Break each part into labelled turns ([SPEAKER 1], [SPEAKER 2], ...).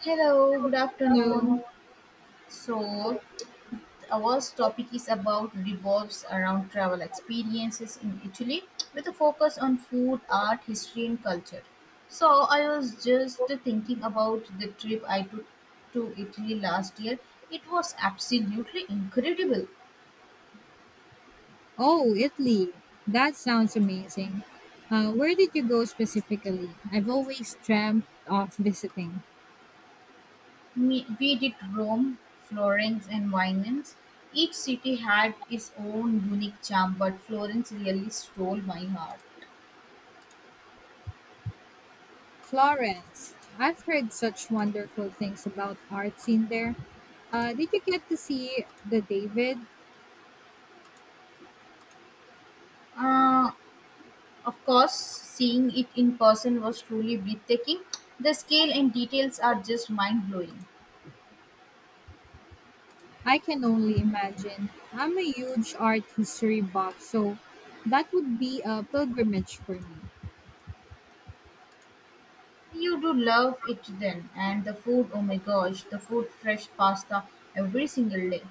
[SPEAKER 1] Hello, good
[SPEAKER 2] Hello.
[SPEAKER 1] afternoon. So, our topic is about revolves around travel experiences in Italy with a focus on food, art, history, and culture. So, I was just thinking about the trip I took to Italy last year. It was absolutely incredible.
[SPEAKER 2] Oh, Italy. That sounds amazing. Where did you go specifically? I've always dreamt of visiting
[SPEAKER 1] We did Rome, Florence, and Venice. Each city had its own unique charm, but Florence really stole my heart.
[SPEAKER 2] Florence. I've heard such wonderful things about art scene there. Did you get to see the David?
[SPEAKER 1] Uh, Of course, seeing it in person was truly breathtaking. The scale and details are just mind blowing.
[SPEAKER 2] I can only imagine. I'm a huge art history buff, so that would be a pilgrimage for me.
[SPEAKER 1] You do love it then, and the food, oh my gosh, the food, fresh pasta every single day.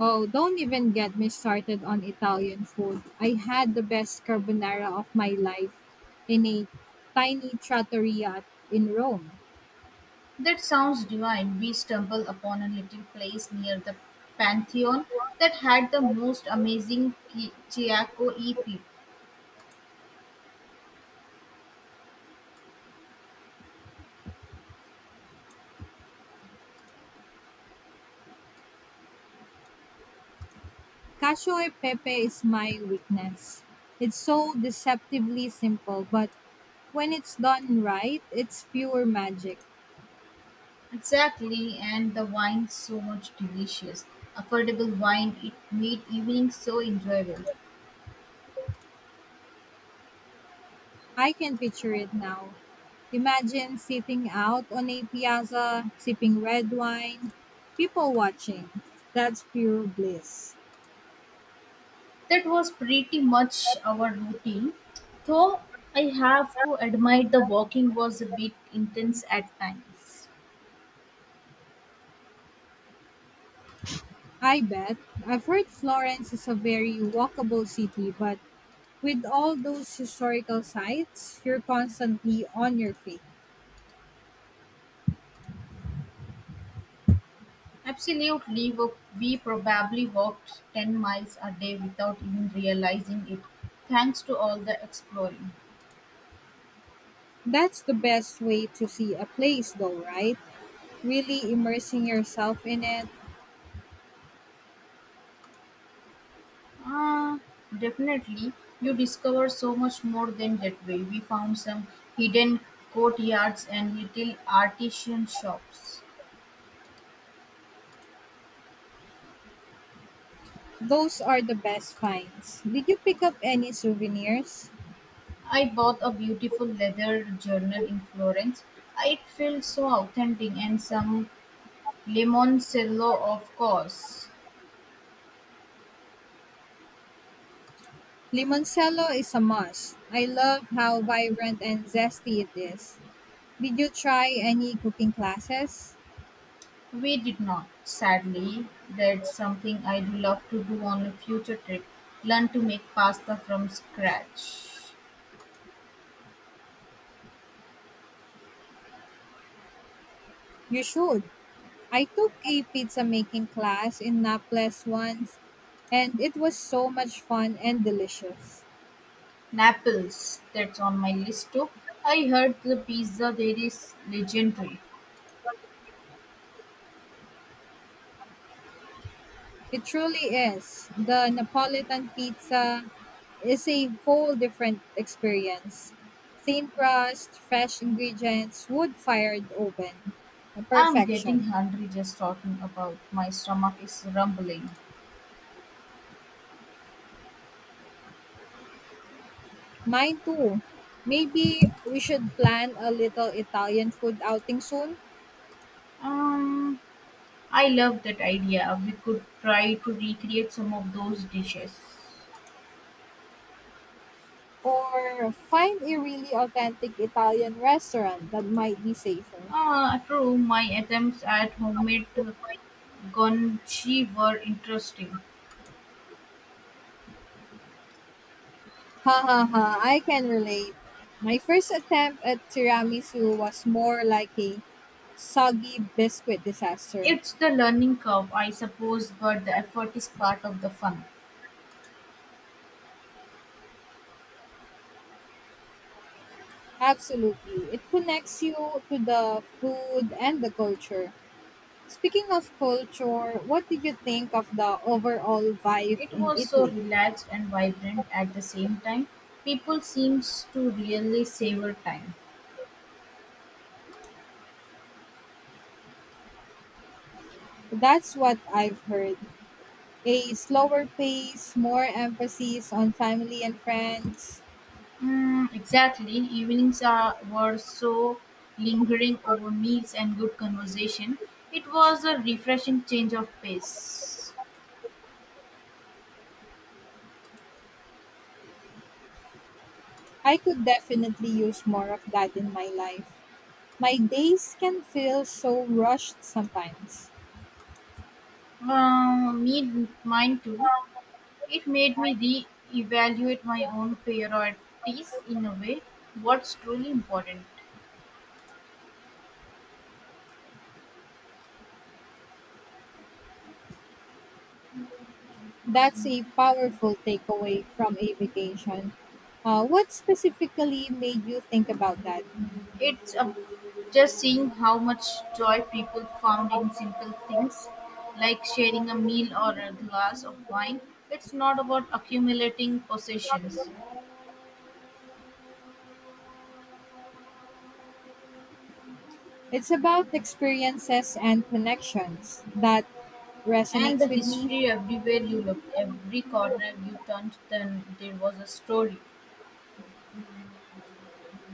[SPEAKER 2] Oh, don't even get me started on Italian food. I had the best carbonara of my life in a tiny trattoria in Rome.
[SPEAKER 1] That sounds divine. We stumbled upon a little place near the Pantheon that had the most amazing Chiaco EP.
[SPEAKER 2] Cacio e pepe is my weakness. It's so deceptively simple, but when it's done right, it's pure magic.
[SPEAKER 1] Exactly, and the wine, so much delicious. Affordable wine, it made evening so enjoyable.
[SPEAKER 2] I can picture it now. Imagine sitting out on a piazza, sipping red wine, people watching. That's pure bliss.
[SPEAKER 1] That was pretty much our routine, though I have to admit the walking was a bit intense at times.
[SPEAKER 2] I bet. I've heard Florence is a very walkable city, but with all those historical sites, you're constantly on your feet.
[SPEAKER 1] Absolutely, we probably walked 10 miles a day without even realizing it, thanks to all the exploring.
[SPEAKER 2] That's the best way to see a place, though, right? Really immersing yourself in it.
[SPEAKER 1] Ah, definitely, you discover so much more than that way. We found some hidden courtyards and little artisan shops.
[SPEAKER 2] Those are the best finds. Did you pick up any souvenirs?
[SPEAKER 1] I bought a beautiful leather journal in Florence. It felt so authentic, and some limoncello, of course.
[SPEAKER 2] Limoncello is a must. I love how vibrant and zesty it is. Did you try any cooking classes?
[SPEAKER 1] We did not, sadly. That's something I'd love to do on a future trip, learn to make pasta from scratch.
[SPEAKER 2] You should. I took a pizza making class in Naples once, and it was so much fun and delicious.
[SPEAKER 1] Naples, that's on my list too. I heard the pizza there is legendary.
[SPEAKER 2] It truly is. The Napolitan pizza is a whole different experience. Thin crust, fresh ingredients, wood fired oven.
[SPEAKER 1] I'm getting
[SPEAKER 2] Perfection.
[SPEAKER 1] hungry just talking about, my stomach is rumbling.
[SPEAKER 2] Mine too. Maybe we should plan a little Italian food outing soon,
[SPEAKER 1] Um, I love that idea. We could try to recreate some of those dishes.
[SPEAKER 2] or find a really authentic Italian restaurant that might be safer.
[SPEAKER 1] Ah, true. My attempts at homemade gonchi were interesting.
[SPEAKER 2] Ha ha ha, I can relate. My first attempt at tiramisu was more like a soggy biscuit disaster.
[SPEAKER 1] It's the learning curve, I suppose, but the effort is part of the fun.
[SPEAKER 2] Absolutely. It connects you to the food and the culture. Speaking of culture, what did you think of the overall vibe
[SPEAKER 1] It
[SPEAKER 2] in
[SPEAKER 1] was so
[SPEAKER 2] Italy?
[SPEAKER 1] relaxed and vibrant at the same time. People seems to really savor time.
[SPEAKER 2] That's what I've heard. A slower pace, more emphasis on family and friends.
[SPEAKER 1] Mm, exactly. Were so lingering over meals and good conversation. It was a refreshing change of pace.
[SPEAKER 2] I could definitely use more of that in my life. My days can feel so rushed sometimes.
[SPEAKER 1] Mine too. It made me re-evaluate my own priorities in a way. What's truly important.
[SPEAKER 2] That's a powerful takeaway from a vacation. What specifically made you think about that?
[SPEAKER 1] It's Just seeing how much joy people found in simple things like sharing a meal or a glass of wine. It's not about accumulating possessions.
[SPEAKER 2] It's about experiences and connections that
[SPEAKER 1] And the
[SPEAKER 2] resonates with me.
[SPEAKER 1] history, everywhere you looked, every corner you turned, then there was a story.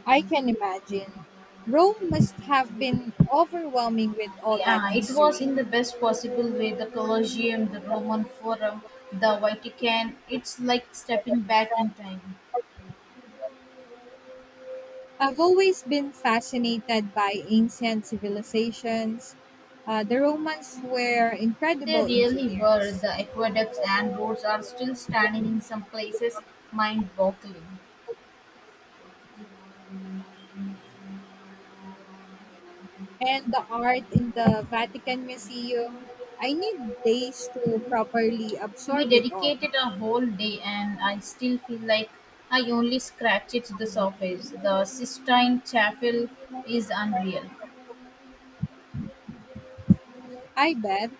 [SPEAKER 2] I can imagine. Rome must have been overwhelming with all that
[SPEAKER 1] Yeah, it was,
[SPEAKER 2] history.
[SPEAKER 1] in the best possible way, the Colosseum, the Roman Forum, the Vatican. It's like stepping back in time.
[SPEAKER 2] I've always been fascinated by ancient civilizations. The Romans were
[SPEAKER 1] They
[SPEAKER 2] incredible
[SPEAKER 1] really were.
[SPEAKER 2] engineers.
[SPEAKER 1] The aqueducts and roads are still standing in some places, mind boggling.
[SPEAKER 2] And the art in the Vatican Museum. I need days to properly
[SPEAKER 1] We
[SPEAKER 2] absorb it all.
[SPEAKER 1] dedicated a whole day, and I still feel like I only scratched the surface. The Sistine Chapel is unreal.
[SPEAKER 2] I bet.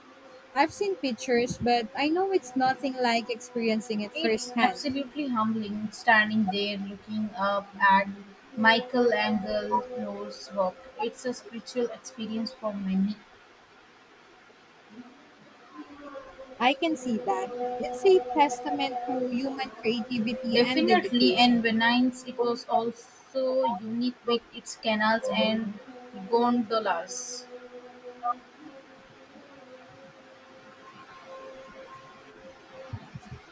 [SPEAKER 2] I've seen pictures, but I know it's nothing like experiencing it
[SPEAKER 1] It's
[SPEAKER 2] firsthand.
[SPEAKER 1] absolutely humbling standing there looking up at Michelangelo's work. It's a spiritual experience for many.
[SPEAKER 2] I can see that. It's a testament to human creativity and
[SPEAKER 1] Definitely, and
[SPEAKER 2] dedication.
[SPEAKER 1] Venice, it was also unique with its canals and gondolas.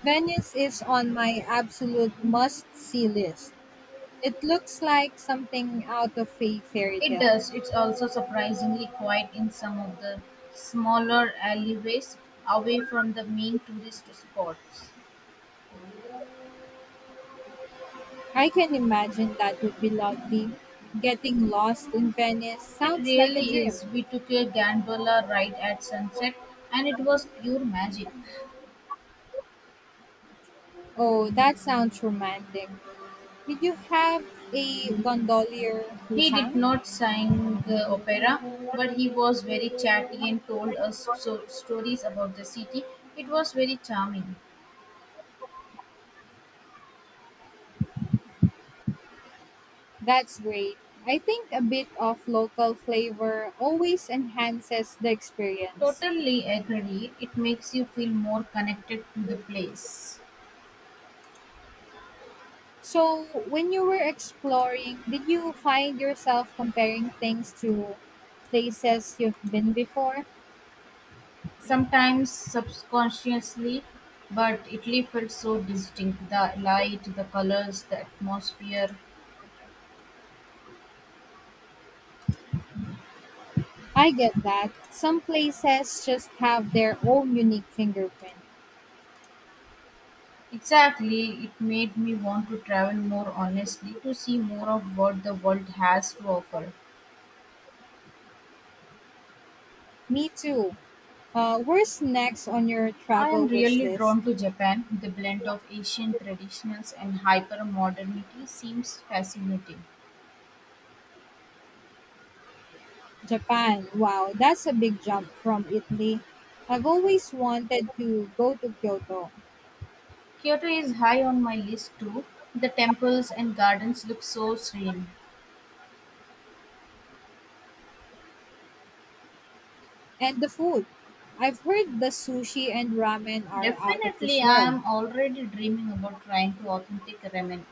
[SPEAKER 2] Venice is on my absolute must see list. It looks like something out of a fairy
[SPEAKER 1] It
[SPEAKER 2] tale.
[SPEAKER 1] does. It's also surprisingly quiet in some of the smaller alleyways away from the main tourist spots.
[SPEAKER 2] I can imagine that would be lovely. Getting lost in Venice
[SPEAKER 1] It
[SPEAKER 2] sounds like a
[SPEAKER 1] really is.
[SPEAKER 2] dream.
[SPEAKER 1] We took a gondola ride at sunset and it was pure magic.
[SPEAKER 2] Oh, that sounds romantic. Did you have a gondolier who
[SPEAKER 1] He did
[SPEAKER 2] sang?
[SPEAKER 1] not sing opera, but he was very chatty and told us stories about the city. It was very charming.
[SPEAKER 2] That's great. I think a bit of local flavor always enhances the experience.
[SPEAKER 1] Totally agree. It makes you feel more connected to the place.
[SPEAKER 2] So, when you were exploring, did you find yourself comparing things to places you've been before?
[SPEAKER 1] Sometimes subconsciously, but Italy felt so distinct, the light, the colors, the atmosphere.
[SPEAKER 2] I get that. Some places just have their own unique fingerprint.
[SPEAKER 1] Exactly, it made me want to travel more honestly, to see more of what the world has to offer.
[SPEAKER 2] Me too. Where's next on your
[SPEAKER 1] I am
[SPEAKER 2] travel wish
[SPEAKER 1] really
[SPEAKER 2] list?
[SPEAKER 1] drawn to Japan. The blend of Asian traditionals and hyper modernity seems fascinating.
[SPEAKER 2] Japan. Wow, that's a big jump from Italy. I've always wanted to go to Kyoto.
[SPEAKER 1] Kyoto is high on my list too. The temples and gardens look so serene.
[SPEAKER 2] And the food. I've heard the sushi and ramen are out of this
[SPEAKER 1] Definitely, I
[SPEAKER 2] world.
[SPEAKER 1] am already dreaming about trying to authentic ramen.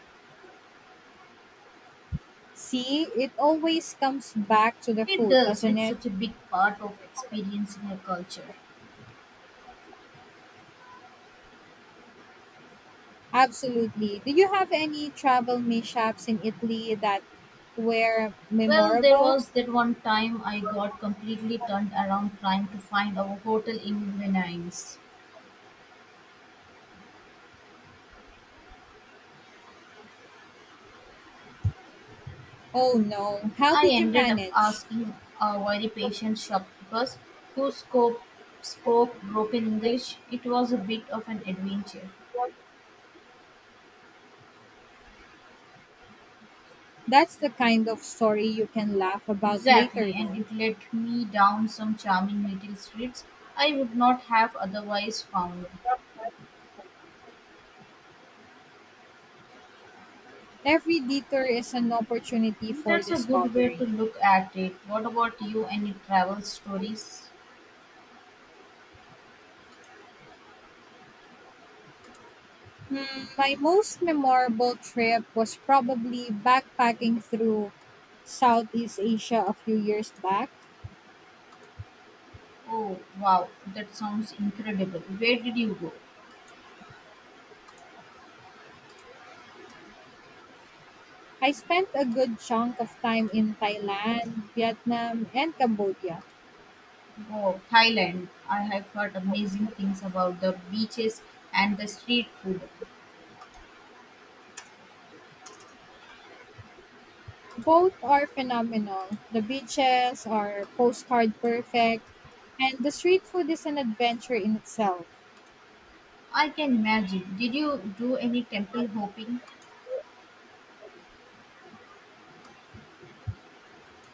[SPEAKER 2] See, it always comes back to the
[SPEAKER 1] It
[SPEAKER 2] food,
[SPEAKER 1] does,
[SPEAKER 2] doesn't
[SPEAKER 1] it's
[SPEAKER 2] it?
[SPEAKER 1] such a big part of experiencing a culture.
[SPEAKER 2] Absolutely. Do you have any travel mishaps in Italy that were
[SPEAKER 1] Well, there
[SPEAKER 2] memorable?
[SPEAKER 1] was that one time I got completely turned around trying to find a hotel in Venice.
[SPEAKER 2] Oh no. How
[SPEAKER 1] I
[SPEAKER 2] did you
[SPEAKER 1] ended up
[SPEAKER 2] manage?
[SPEAKER 1] asking a very patient shopkeeper who spoke broken English. It was a bit of an adventure.
[SPEAKER 2] That's the kind of story you can laugh about later,
[SPEAKER 1] Exactly, and
[SPEAKER 2] though.
[SPEAKER 1] it led me down some charming little streets I would not have otherwise found.
[SPEAKER 2] Every detour is an opportunity for
[SPEAKER 1] That's a good way to
[SPEAKER 2] discovery.
[SPEAKER 1] look at it. What about you? Any travel stories?
[SPEAKER 2] Hmm, my most memorable trip was probably backpacking through Southeast Asia a few years back.
[SPEAKER 1] Oh wow, that sounds incredible. Where did you go?
[SPEAKER 2] I spent a good chunk of time in Thailand, Vietnam, and Cambodia.
[SPEAKER 1] Oh, Thailand. I have heard amazing things about the beaches and the street food.
[SPEAKER 2] Both are phenomenal. The beaches are postcard perfect, and the street food is an adventure in itself.
[SPEAKER 1] I can imagine. Did you do any temple hopping?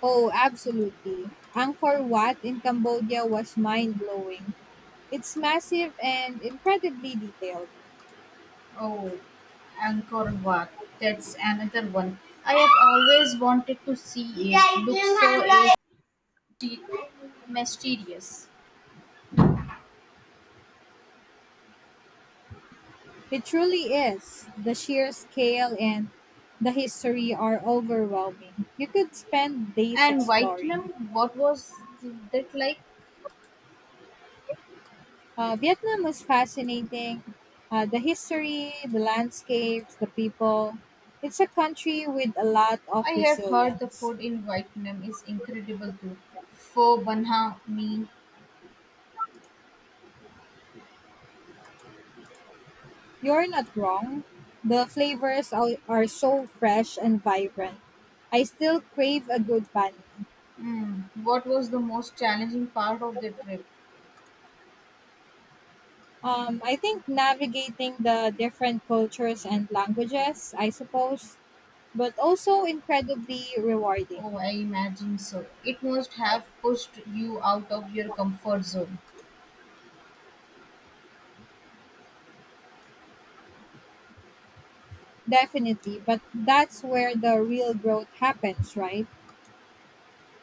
[SPEAKER 2] Oh, absolutely. Angkor Wat in Cambodia was mind blowing. It's massive and incredibly detailed.
[SPEAKER 1] Oh, Angkor Wat. That's another one. I have always wanted to see it. It looks so asti- mysterious.
[SPEAKER 2] It truly is. The sheer scale and the history are overwhelming. You could spend days
[SPEAKER 1] And
[SPEAKER 2] exploring.
[SPEAKER 1] Vietnam, what was that like?
[SPEAKER 2] Vietnam was fascinating. The history, the landscapes, the people. It's a country with a lot of
[SPEAKER 1] I have heard the
[SPEAKER 2] resilience.
[SPEAKER 1] food in Vietnam is incredible too. Pho Banh Mi.
[SPEAKER 2] You're not wrong. The flavors are so fresh and vibrant. I still crave a good banh mi.
[SPEAKER 1] Mm. What was the most challenging part of the trip?
[SPEAKER 2] I think navigating the different cultures and languages, I suppose, but also incredibly rewarding.
[SPEAKER 1] Oh, I imagine so. It must have pushed you out of your comfort zone.
[SPEAKER 2] Definitely, but that's where the real growth happens, right?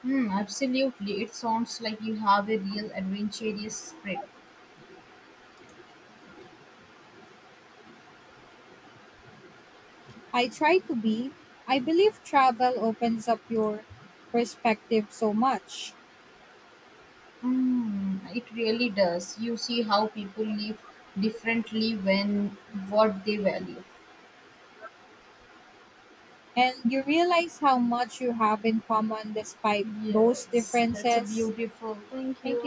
[SPEAKER 1] Hmm, absolutely. It sounds like you have a real adventurous spirit.
[SPEAKER 2] I try to be. I believe travel opens up your perspective so much.
[SPEAKER 1] Hmm, it really does. You see how people live differently when what they value.
[SPEAKER 2] And you realize how much you have in common despite those
[SPEAKER 1] Yes, that's a
[SPEAKER 2] differences.
[SPEAKER 1] beautiful. Thank you.
[SPEAKER 2] Thank